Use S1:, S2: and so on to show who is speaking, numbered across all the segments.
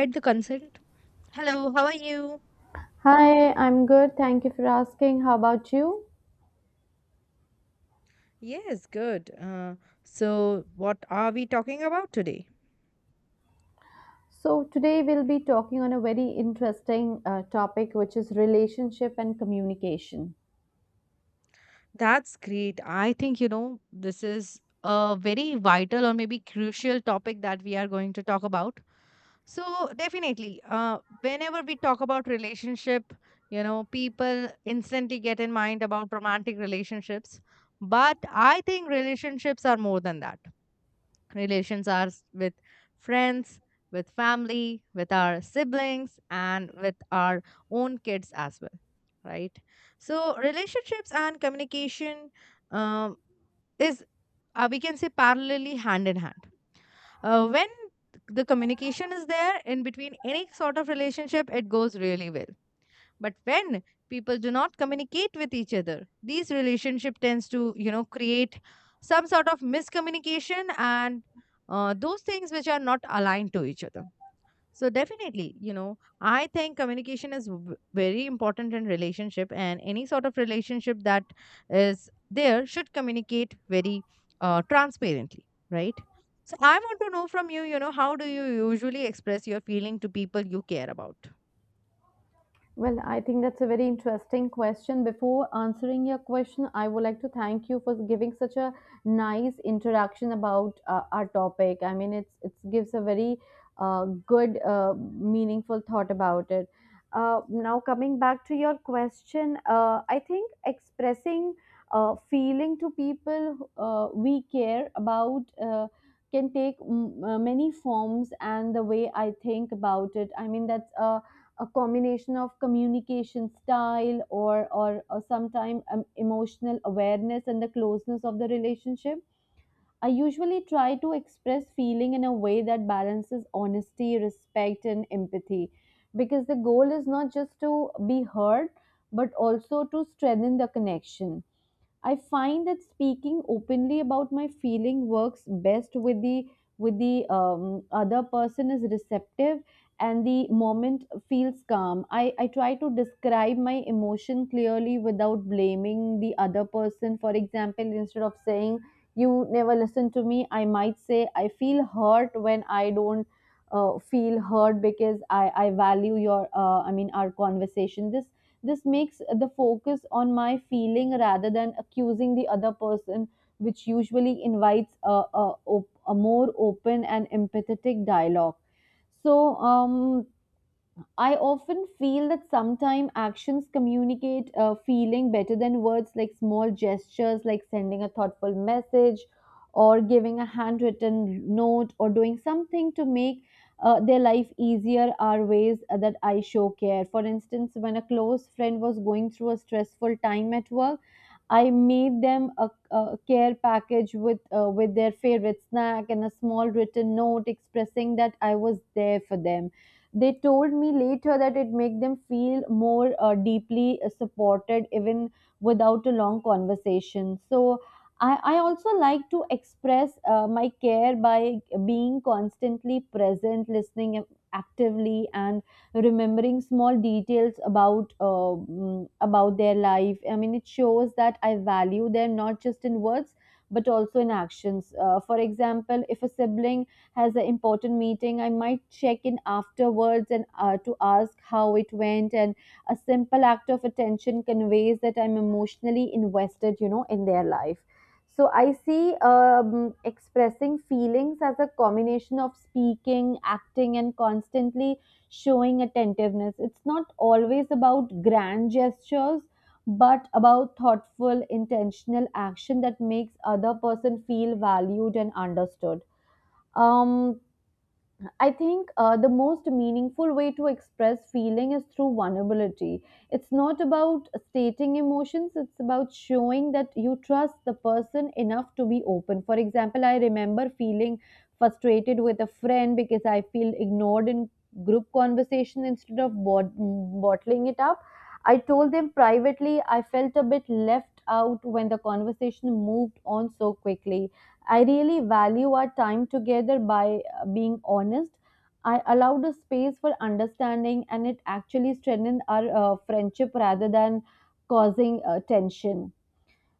S1: Read the consent. Hello, how are you?
S2: Hi, I'm good. Thank you for asking. How about you?
S1: Yes, good. So, what are we talking about today?
S2: So, today we'll be talking on a very interesting topic, which is relationship and communication.
S1: That's great. I think, you know, this is a very vital or maybe crucial topic that we are going to talk about. So, definitely, whenever we talk about relationship, you know, people instantly get in mind about romantic relationships. But I think relationships are more than that. With friends, with family, with our siblings, and with our own kids as well, right? So, relationships and communication um, is, we can say, parallelly hand in hand. When the communication is there in between any sort of relationship, it goes really well, but when people do not communicate with each other, these relationship tends to, you know, create some sort of miscommunication and those things which are not aligned to each other. So definitely, you know, I think communication is very important in relationship, and any sort of relationship that is there should communicate very transparently, right? So I want to know from you, you know, how do you usually express your feeling to people you care about?
S2: Well, I think that's a very interesting question. Before answering your question, I would like to thank you for giving such a nice introduction about our topic. I mean, it gives a very good, meaningful thought about it. Now, coming back to your question, I think expressing feeling to people we care about can take many forms, and the way I think about it, I mean, that's a combination of communication style or or sometimes emotional awareness and the closeness of the relationship. I usually try to express feeling in a way that balances honesty, respect, and empathy, because the goal is not just to be heard, but also to strengthen the connection. I find that speaking openly about my feeling works best with the other person is receptive and the moment feels calm. I try to describe my emotion clearly without blaming the other person. For example, instead of saying you never listen to me, I might say I feel hurt when I don't feel hurt because I value your I mean our conversation. This makes the focus on my feeling rather than accusing the other person, which usually invites a more open and empathetic dialogue. So, I often feel that sometimes actions communicate feeling better than words, like small gestures, like sending a thoughtful message, or giving a handwritten note, or doing something to make their life easier are ways that I show care. For instance, when a close friend was going through a stressful time at work, I made them a care package with their favorite snack and a small written note expressing that I was there for them. They told me later that it made them feel more deeply supported even without a long conversation. So I also like to express my care by being constantly present, listening actively, and remembering small details about about their life. I mean, it shows that I value them not just in words but also in actions. For example, if a sibling has an important meeting, I might check in afterwards and to ask how it went. And a simple act of attention conveys that I'm emotionally invested, you know, in their life. So I see expressing feelings as a combination of speaking, acting, and constantly showing attentiveness. It's not always about grand gestures, but about thoughtful, intentional action that makes other person feel valued and understood. um I think the most meaningful way to express feeling is through vulnerability. It's not about stating emotions, it's about showing that you trust the person enough to be open. For example, I remember feeling frustrated with a friend because I feel ignored in group conversation. Instead of bottling it up, I told them privately I felt a bit left out when the conversation moved on so quickly. I really value our time together. By being honest, I allowed a space for understanding, and it actually strengthened our friendship rather than causing tension.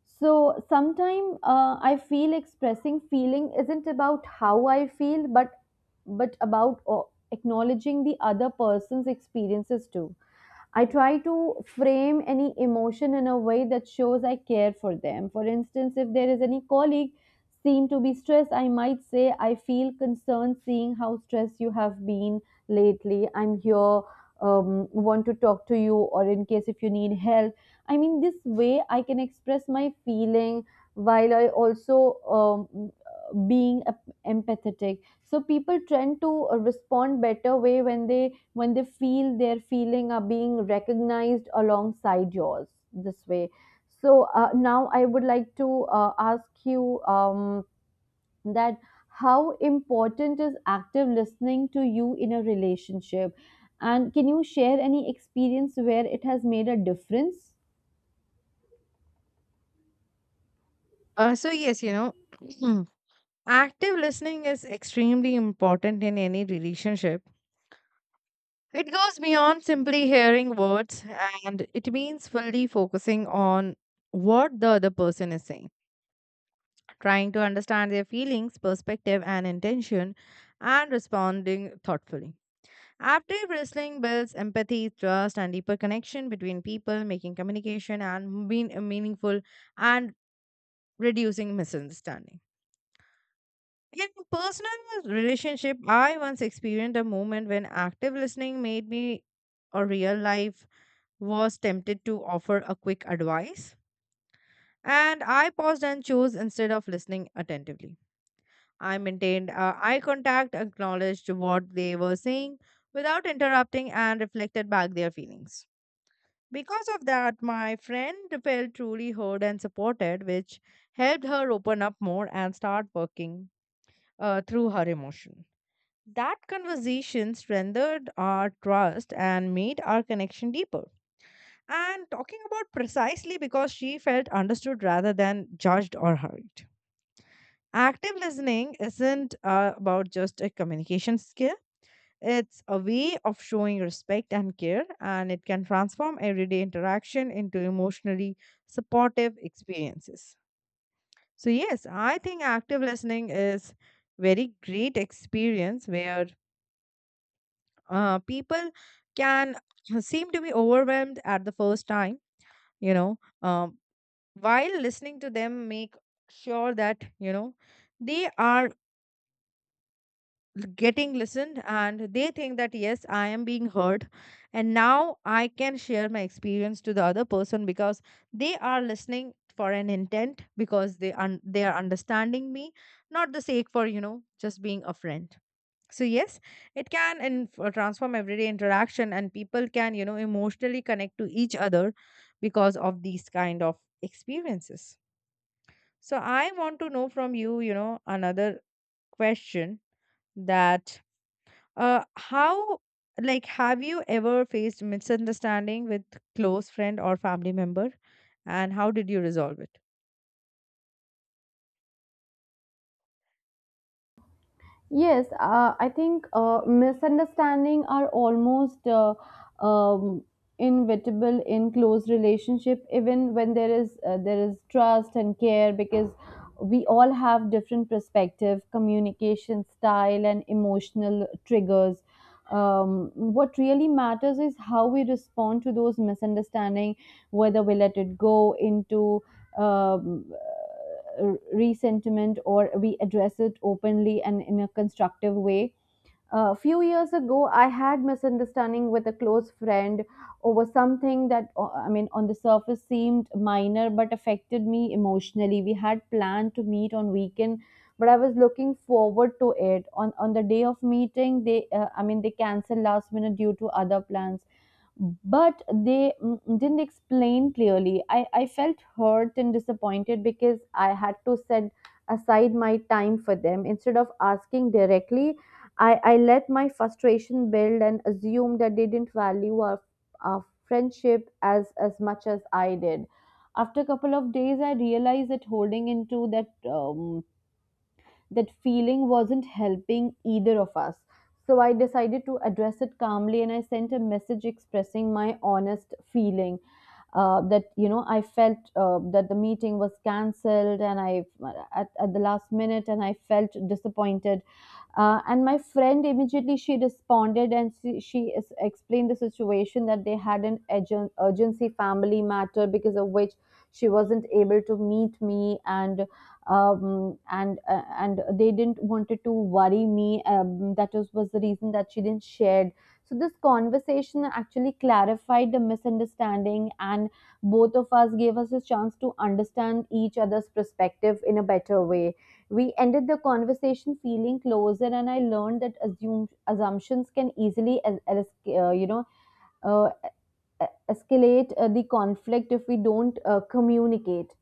S2: So sometimes I feel expressing feeling isn't about how I feel, but but about acknowledging the other person's experiences too. I try to frame any emotion in a way that shows I care for them. For instance, if there is any colleague seem to be stressed, I might say, I feel concerned seeing how stressed you have been lately. I'm here, want to talk to you, or in case if you need help. I mean, this way I can express my feeling while I also being empathetic. So people tend to respond better way when they feel their feeling are being recognized alongside yours this way. So now I would like to ask you, that how important is active listening to you in a relationship, and can you share any experience where it has made a difference?
S1: So yes, you know, active listening is extremely important in any relationship. It goes beyond simply hearing words, and it means fully focusing on what the other person is saying, trying to understand their feelings, perspective, and intention, and responding thoughtfully. Active listening builds empathy, trust, and deeper connection between people, making communication meaningful and reducing misunderstanding. In personal relationship, I once experienced a moment when active listening made me a real life, was tempted to offer a quick advice. And I paused and chose instead of listening attentively. I maintained eye contact, acknowledged what they were saying without interrupting, and reflected back their feelings. Because of that, my friend felt truly heard and supported, which helped her open up more and start working through her emotion. That conversation strengthened our trust and made our connection deeper. And talking about precisely because she felt understood rather than judged or hurried. Active listening isn't about just a communication skill, it's a way of showing respect and care, and it can transform everyday interaction into emotionally supportive experiences. So, yes, I think active listening is very great experience where people can seem to be overwhelmed at the first time, you know. While listening to them, make sure that, you know, they are getting listened, and they think that yes, I am being heard, and now I can share my experience to the other person because they are listening for an intent because they un- they are understanding me, not the sake for, you know, just being a friend. So yes, it can and transform everyday interaction, and people can, you know, emotionally connect to each other because of these kind of experiences. So I want to know from you, you know, another question, that how, like, have you ever faced misunderstanding with close friend or family member? And how did you resolve it?
S2: Yes, I think misunderstanding are almost um, inevitable in close relationship, even when there is trust and care, because we all have different perspective, communication style, and emotional triggers. What really matters is how we respond to those misunderstanding, whether we let it go into um resentment, or we address it openly and in a constructive way. A few years ago, I had misunderstanding with a close friend over something that I mean, on the surface seemed minor but affected me emotionally. We had planned to meet on weekend, but I was looking forward to it. On the day of meeting, they I mean they canceled last minute due to other plans, but they didn't explain clearly. I felt hurt and disappointed because I had to set aside my time for them. Instead of asking directly, I let my frustration build and assumed that they didn't value our friendship as much as I did. After a couple of days, I realized that holding into that feeling wasn't helping either of us. So I decided to address it calmly, and I sent a message expressing my honest feeling, that you know I felt that the meeting was cancelled and I at the last minute and I felt disappointed. And my friend immediately she responded and she explained the situation that they had an urgency family matter, because of which she wasn't able to meet me, and and they didn't wanted to worry me. That was the reason that she didn't share. So this conversation actually clarified the misunderstanding, and both of us gave us a chance to understand each other's perspective in a better way. We ended the conversation feeling closer, and I learned that assumptions can easily, as, you know, uh, e- escalate the conflict if we don't communicate.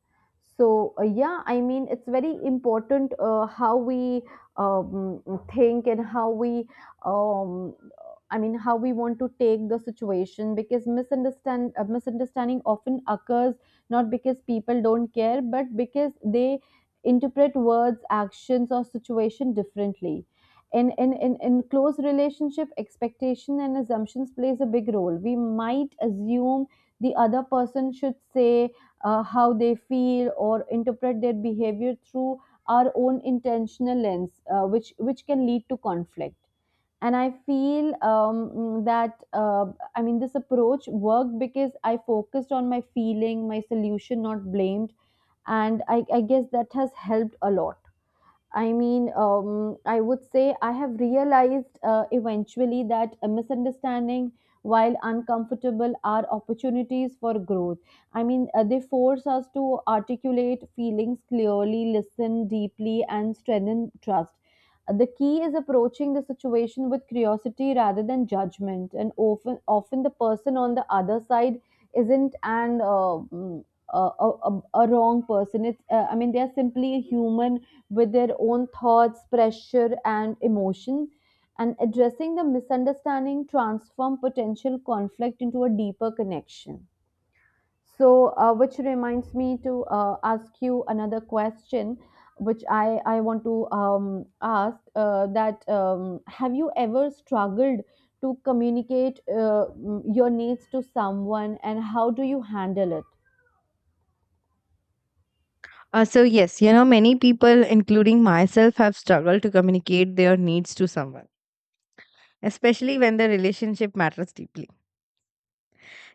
S2: So yeah, I mean it's very important how we um, think and how we um, I mean how we want to take the situation, because misunderstanding often occurs not because people don't care, but because they interpret words, actions, or situation differently. In close relationship, expectation and assumptions plays a big role. We might assume the other person should say how they feel or interpret their behavior through our own intentional lens, which can lead to conflict. And I feel mm, that I mean this approach worked because I focused on my feeling, my solution, not blamed, and I guess that has helped a lot. I mean, I would say I have realized eventually that a misunderstanding, while uncomfortable, are opportunities for growth. I mean, they force us to articulate feelings clearly, listen deeply, and strengthen trust. The key is approaching the situation with curiosity rather than judgment, and often the person on the other side isn't an a wrong person. It's I mean, they are simply a human with their own thoughts, pressure, and emotion. And addressing the misunderstanding transform potential conflict into a deeper connection. So, which reminds me to ask you another question, which I want to ask, that have you ever struggled to communicate your needs to someone, and how do you handle it?
S1: So, yes, you know, many people, including myself, have struggled to communicate their needs to someone, especially when the relationship matters deeply.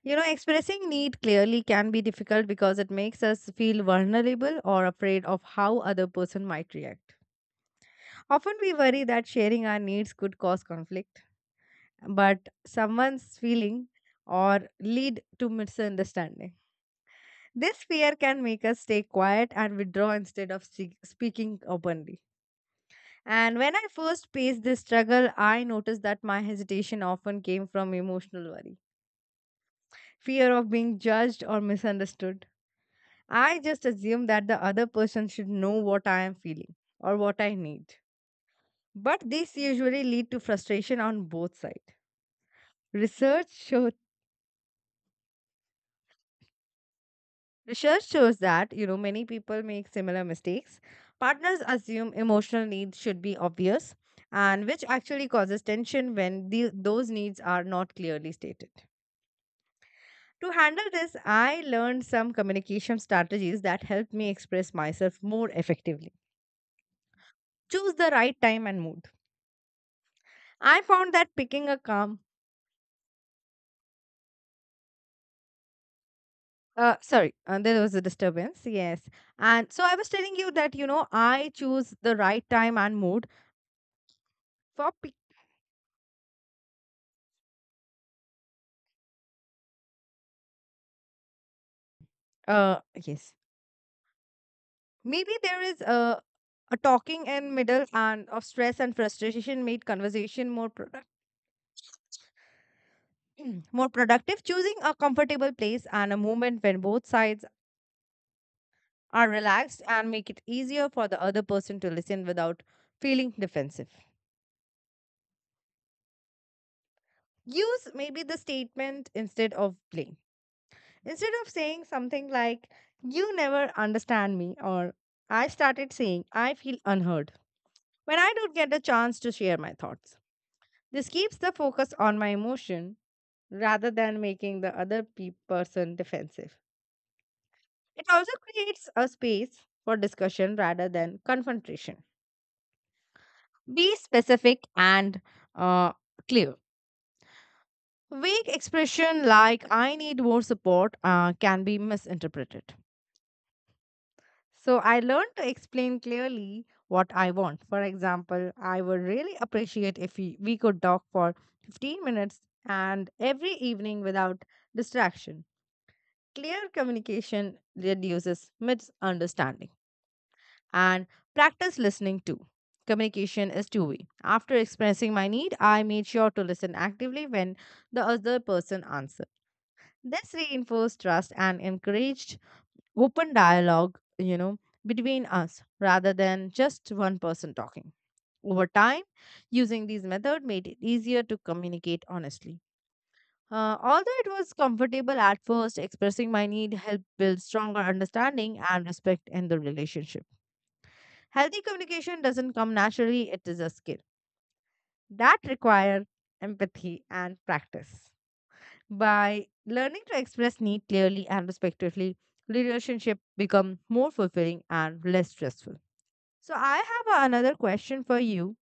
S1: You know, expressing need clearly can be difficult because it makes us feel vulnerable or afraid of how other person might react. Often we worry that sharing our needs could cause conflict, but someone's feeling or lead to misunderstanding. This fear can make us stay quiet and withdraw instead of speaking openly. And when I first faced this struggle, I noticed that my hesitation often came from emotional worry, fear of being judged or misunderstood. I just assumed that the other person should know what I am feeling or what I need. But this usually lead to frustration on both sides. Research shows research shows that, you know, many people make similar mistakes. Partners assume emotional needs should be obvious, and which actually causes tension when the, those needs are not clearly stated. To handle this, I learned some communication strategies that helped me express myself more effectively. Choose the right time and mood. I found that picking a calm, sorry, there was a disturbance. Yes. And so I was telling you that, you know, I choose the right time and mood for. Yes. Maybe there is a talking and middle and of stress and frustration made conversation more product, more productive. Choosing a comfortable place and a moment when both sides are relaxed and make it easier for the other person to listen without feeling defensive. Use maybe the statement instead of blame. Instead of saying something like "You never understand me" or "I started saying I feel unheard" when I don't get a chance to share my thoughts. This keeps the focus on my emotion rather than making the other person defensive. It also creates a space for discussion rather than confrontation. Be specific and uh, clear. Vague expression like I need more support can be misinterpreted. So I learned to explain clearly what I want. For example, I would really appreciate if we could talk for 15 minutes and every evening without distraction. Clear communication reduces misunderstanding and practice listening too. Communication is two way. After expressing my need, I made sure to listen actively when the other person answered. This reinforced trust and encouraged open dialogue, you know, between us rather than just one person talking. Over time, using these methods made it easier to communicate honestly. Although it was comfortable at first, expressing my need helped build stronger understanding and respect in the relationship. Healthy communication doesn't come naturally, it is a skill that requires empathy and practice. By learning to express need clearly and respectfully, relationship become more fulfilling and less stressful. So I have another question for you,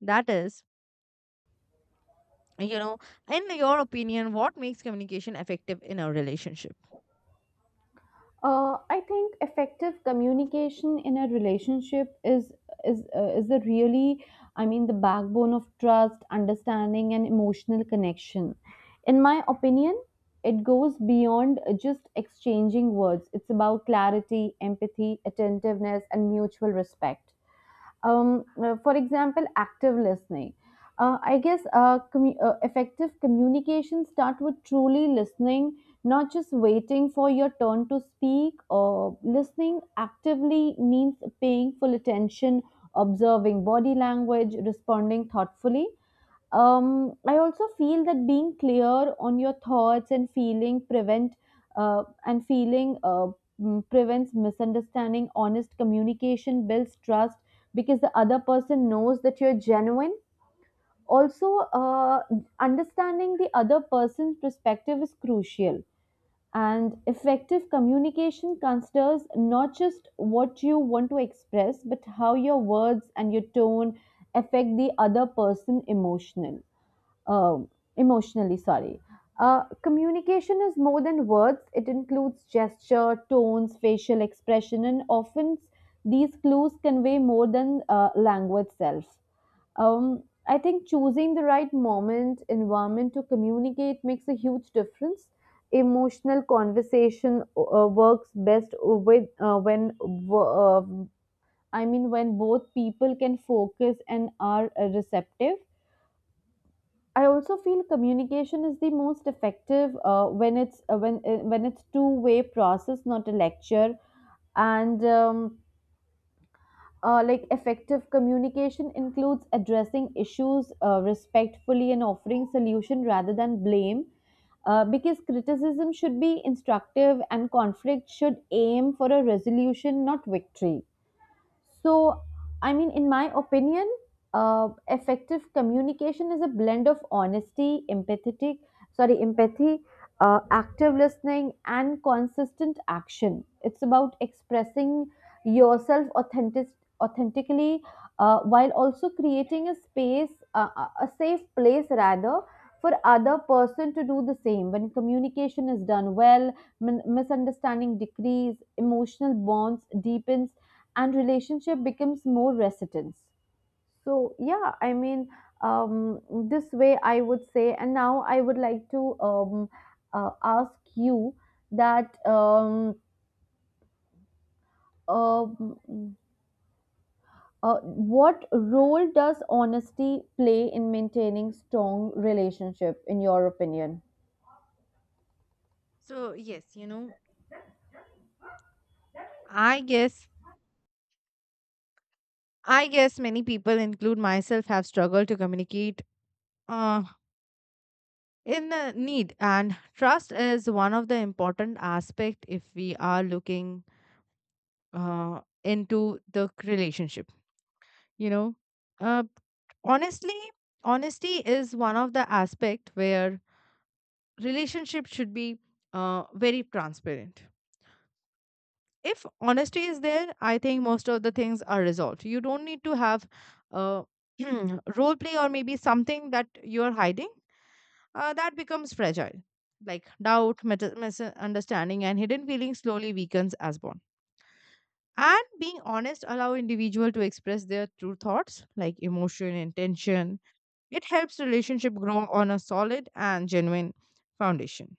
S1: that is, you know, in your opinion, what makes communication effective in a relationship?
S2: I think effective communication in a relationship is the really, I mean, the backbone of trust, understanding, and emotional connection. In my opinion, it goes beyond just exchanging words. It's about clarity, empathy, attentiveness, and mutual respect. For example, active listening, effective communication start with truly listening, not just waiting for your turn to speak, or listening actively means paying full attention, observing body language, responding thoughtfully. I also feel that being clear on your thoughts and feeling uh, and feeling uh, prevents misunderstanding. Honest communication builds trust because the other person knows that you're genuine. Also, understanding the other person's perspective is crucial. And effective communication considers not just what you want to express, but how your words and your tone affect the other person emotionally um, emotionally sorry communication is more than words. It includes gesture, tones, facial expression, and often these clues convey more than language itself. I think choosing the right moment, environment to communicate makes a huge difference. Emotional conversation works best with when I mean when both people can focus and are receptive. I also feel communication is the most effective when it's two-way process, not a lecture. And like effective communication includes addressing issues respectfully and offering solution rather than blame. Because criticism should be instructive and conflict should aim for a resolution, not victory. So, I mean, in my opinion, effective communication is a blend of honesty, empathy, active listening, and consistent action. It's about expressing yourself authentically, while also creating a space, a safe place rather, for other person to do the same. When communication is done well, misunderstanding decrease, emotional bonds deepens and relationship becomes more resistance. So yeah i mean um, this way I would say. And now I would like to ask you that um, what role does honesty play in maintaining strong relationship in your opinion?
S1: So, yes, you know, I guess I guess many people include myself have struggled to communicate uh in the need, and trust is one of the important aspect if we are looking into the relationship, you know. uh, honestly honesty is one of the aspect where relationship should be very transparent. If honesty is there, I think most of the things are resolved. You don't need to have uh, role play or maybe something that you're hiding, that becomes fragile, like doubt, meta- misunderstanding and hidden feelings slowly weakens as bond. And being honest allow individual to express their true thoughts like emotion and tension. It helps relationship grow on a solid and genuine foundation.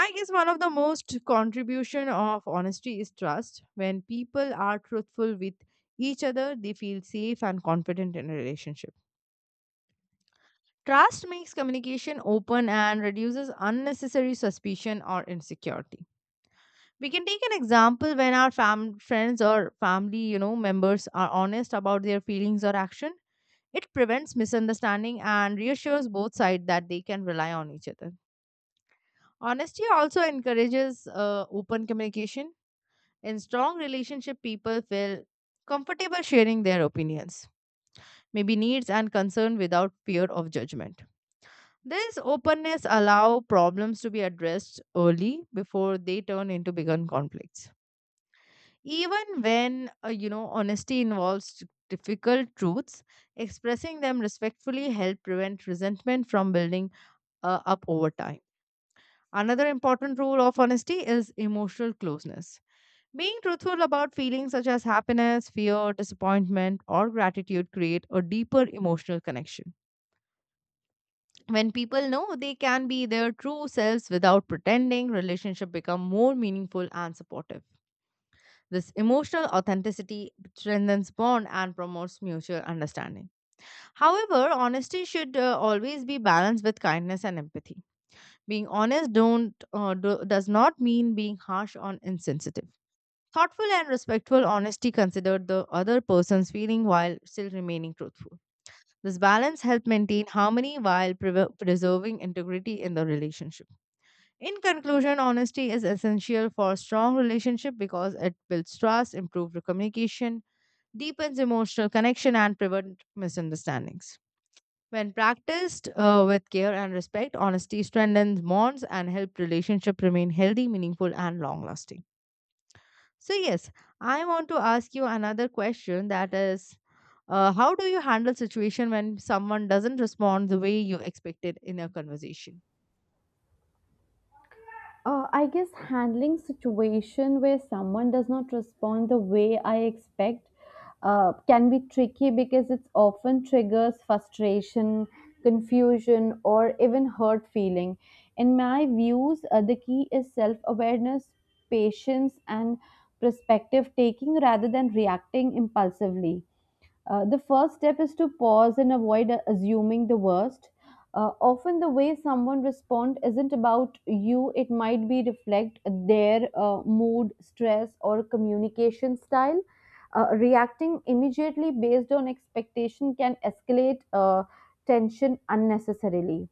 S1: I guess one of the most contribution of honesty is trust. When people are truthful with each other, they feel safe and confident in a relationship. Trust makes communication open and reduces unnecessary suspicion or insecurity. We can take an example when our friends or family, you know, members are honest about their feelings or action, it prevents misunderstanding and reassures both sides that they can rely on each other. Honesty also encourages open communication. In strong relationship, people feel comfortable sharing their opinions, maybe needs and concern without fear of judgment. This openness allow problems to be addressed early before they turn into bigger conflicts. Even when, you know, honesty involves difficult truths, expressing them respectfully help prevent resentment from building up over time. Another important rule of honesty is emotional closeness. Being truthful about feelings such as happiness, fear, disappointment, or gratitude create a deeper emotional connection. When people know they can be their true selves without pretending, relationship become more meaningful and supportive. This emotional authenticity strengthens bond and promotes mutual understanding. However, honesty should always be balanced with kindness and empathy. Being honest don't do, does not mean being harsh or insensitive. Thoughtful and respectful honesty consider the other person's feeling while still remaining truthful. This balance helps maintain harmony while preserving integrity in the relationship. In conclusion, honesty is essential for strong relationship because it builds trust, improves communication, deepens emotional connection and prevent misunderstandings. When practiced with care and respect, honesty strengthens bonds and help relationship remain healthy, meaningful, and long lasting. So, yes, I want to ask you another question, that is, how do you handle situation when someone doesn't respond the way you expected in a conversation?
S2: I guess handling situation where someone does not respond the way I expect can be tricky because it often triggers frustration, confusion, or even hurt feeling. In my views, the key is self awareness, patience, and perspective taking rather than reacting impulsively. The first step is to pause and avoid assuming the worst. Often, the way someone responds isn't about you, it might be reflect their mood, stress, or communication style. Reacting immediately based on expectation can escalate tension unnecessarily.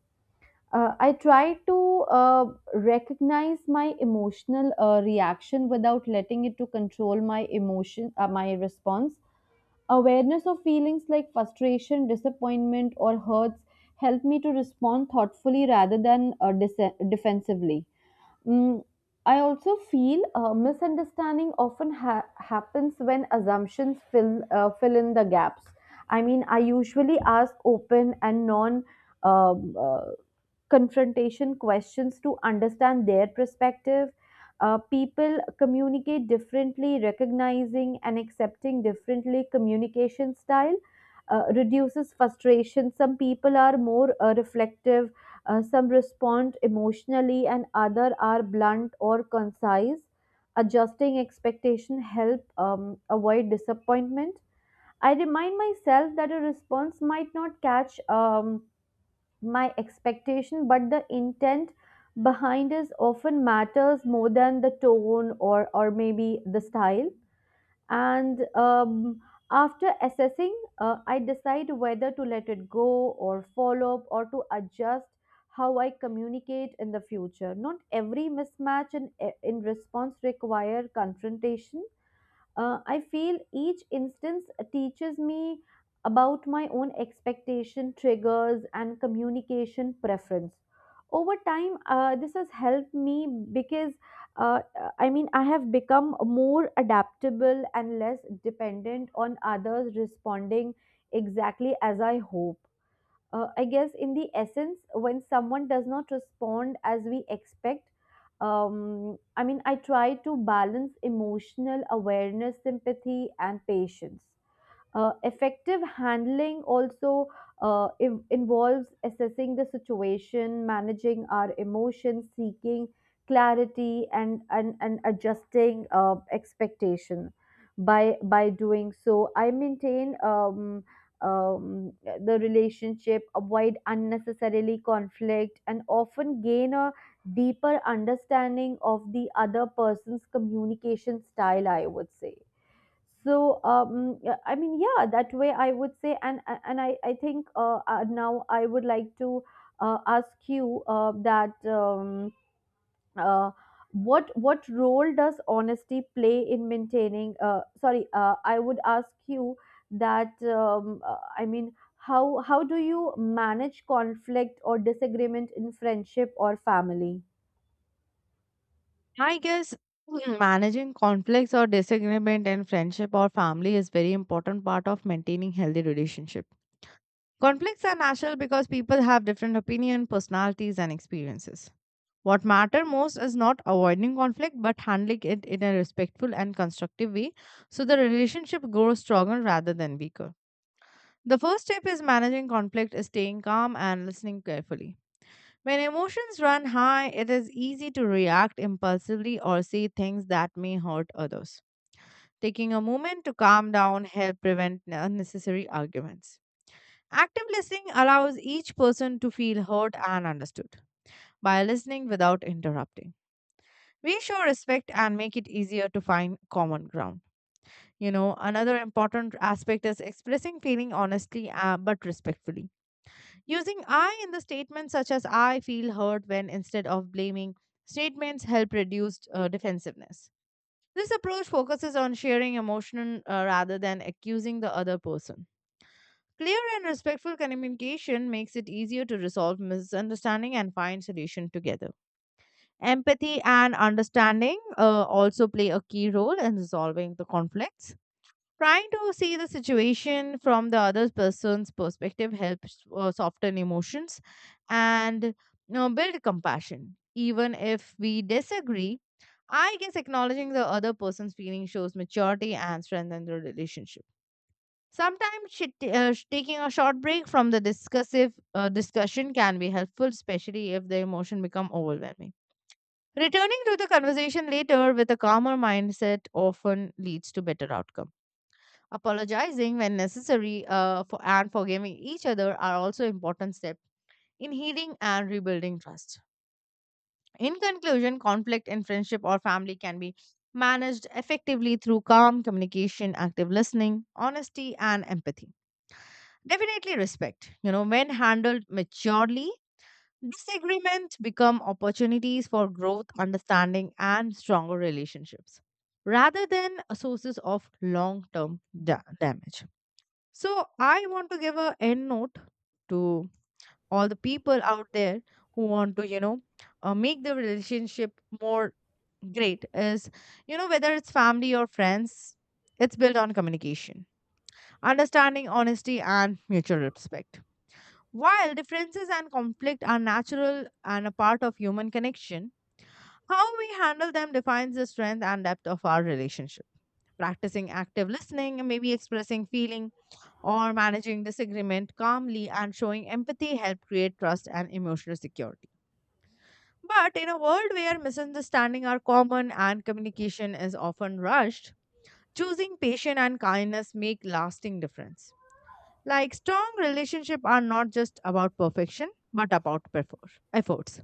S2: I try to recognize my emotional reaction without letting it to control my emotion, my response. Awareness of feelings like frustration, disappointment, or hurts help me to respond thoughtfully rather than defensively. Mm, I also feel misunderstanding often happens when assumptions fill fill in the gaps. I mean, I usually ask open and non um, uh, confrontation questions to understand their perspective. People communicate differently, recognizing and accepting differently communication style. Reduces frustration. Some people are more reflective, some respond emotionally, and other are blunt or concise. Adjusting expectation help avoid disappointment. I remind myself that a response might not catch my expectation, but the intent behind is often matters more than the tone or maybe the style. And after assessing, I decide whether to let it go or follow up or to adjust how I communicate in the future. Not every mismatch in response require confrontation. I feel each instance teaches me about my own expectation, triggers, and communication preference. Over time, this has helped me because uh, I mean, I have become more adaptable and less dependent on others responding exactly as I hope. I guess in the essence, when someone does not respond as we expect, I mean, I try to balance emotional awareness, sympathy, and patience. Effective handling also involves assessing the situation, managing our emotions, seeking clarity, and adjusting expectation. By doing so, I maintain the relationship, avoid unnecessarily conflict, and often gain a deeper understanding of the other person's communication style, I would say. That way I would say. And and i i think uh, uh now I would like to ask you uh, that um uh, what what role does honesty play in maintaining sorry I would ask you that how how do you manage conflict or disagreement in friendship or family?
S1: I guess managing conflicts or disagreement in friendship or family is very important part of maintaining healthy relationship. Conflicts are natural because people have different opinion, personalities and experiences. What matter most is not avoiding conflict but handling it in a respectful and constructive way so the relationship grows stronger rather than weaker. The first step is managing conflict is staying calm and listening carefully. When emotions run high, it is easy to react impulsively or say things that may hurt others. Taking a moment to calm down helps prevent unnecessary arguments. Active listening allows each person to feel heard and understood by listening without interrupting. We show respect and make it easier to find common ground. You know, another important aspect is expressing feeling honestly but respectfully. Using I in the statements such as I feel hurt when instead of blaming, statements help reduce defensiveness. This approach focuses on sharing emotion rather than accusing the other person. Clear and respectful communication makes it easier to resolve misunderstanding and find solution together. Empathy and understanding also play a key role in resolving the conflicts. Trying to see the situation from the other person's perspective helps soften emotions and, you know, build compassion. Even if we disagree, I guess acknowledging the other person's feelings shows maturity and strengthens the relationship. Sometimes taking a short break from the discussive discussion can be helpful, especially if the emotion become overwhelming. Returning to the conversation later with a calmer mindset often leads to better outcome. Apologizing when necessary and forgiving each other are also important steps in healing and rebuilding trust. In conclusion, conflict in friendship or family can be managed effectively through calm communication, active listening, honesty, and empathy. Definitely respect. You know, when handled maturely, disagreement become opportunities for growth, understanding, and stronger relationships rather than sources of long-term damage. So I want to give a end note to all the people out there who want to, you know, make the relationship more great, is, you know, whether it's family or friends, it's built on communication, understanding, honesty, and mutual respect. While differences and conflict are natural and a part of human connection, how we handle them defines the strength and depth of our relationship. Practicing active listening and maybe expressing feeling or managing disagreement calmly and showing empathy help create trust and emotional security. But in a world where misunderstandings are common and communication is often rushed, choosing patience and kindness make lasting difference. Like strong relationships are not just about perfection, but about efforts.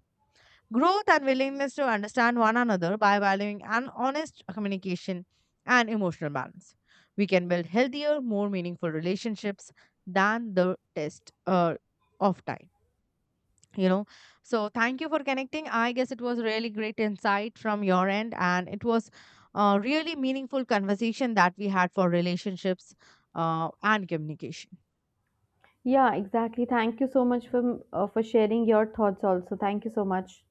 S1: Growth and willingness to understand one another by valuing an honest communication and emotional balance. We can build healthier, more meaningful relationships than the test of time. You know, so thank you for connecting. I guess it was really great insight from your end, and it was a really meaningful conversation that we had for relationships and communication.
S2: Yeah, exactly, thank you so much for sharing your thoughts. Also, thank you so much.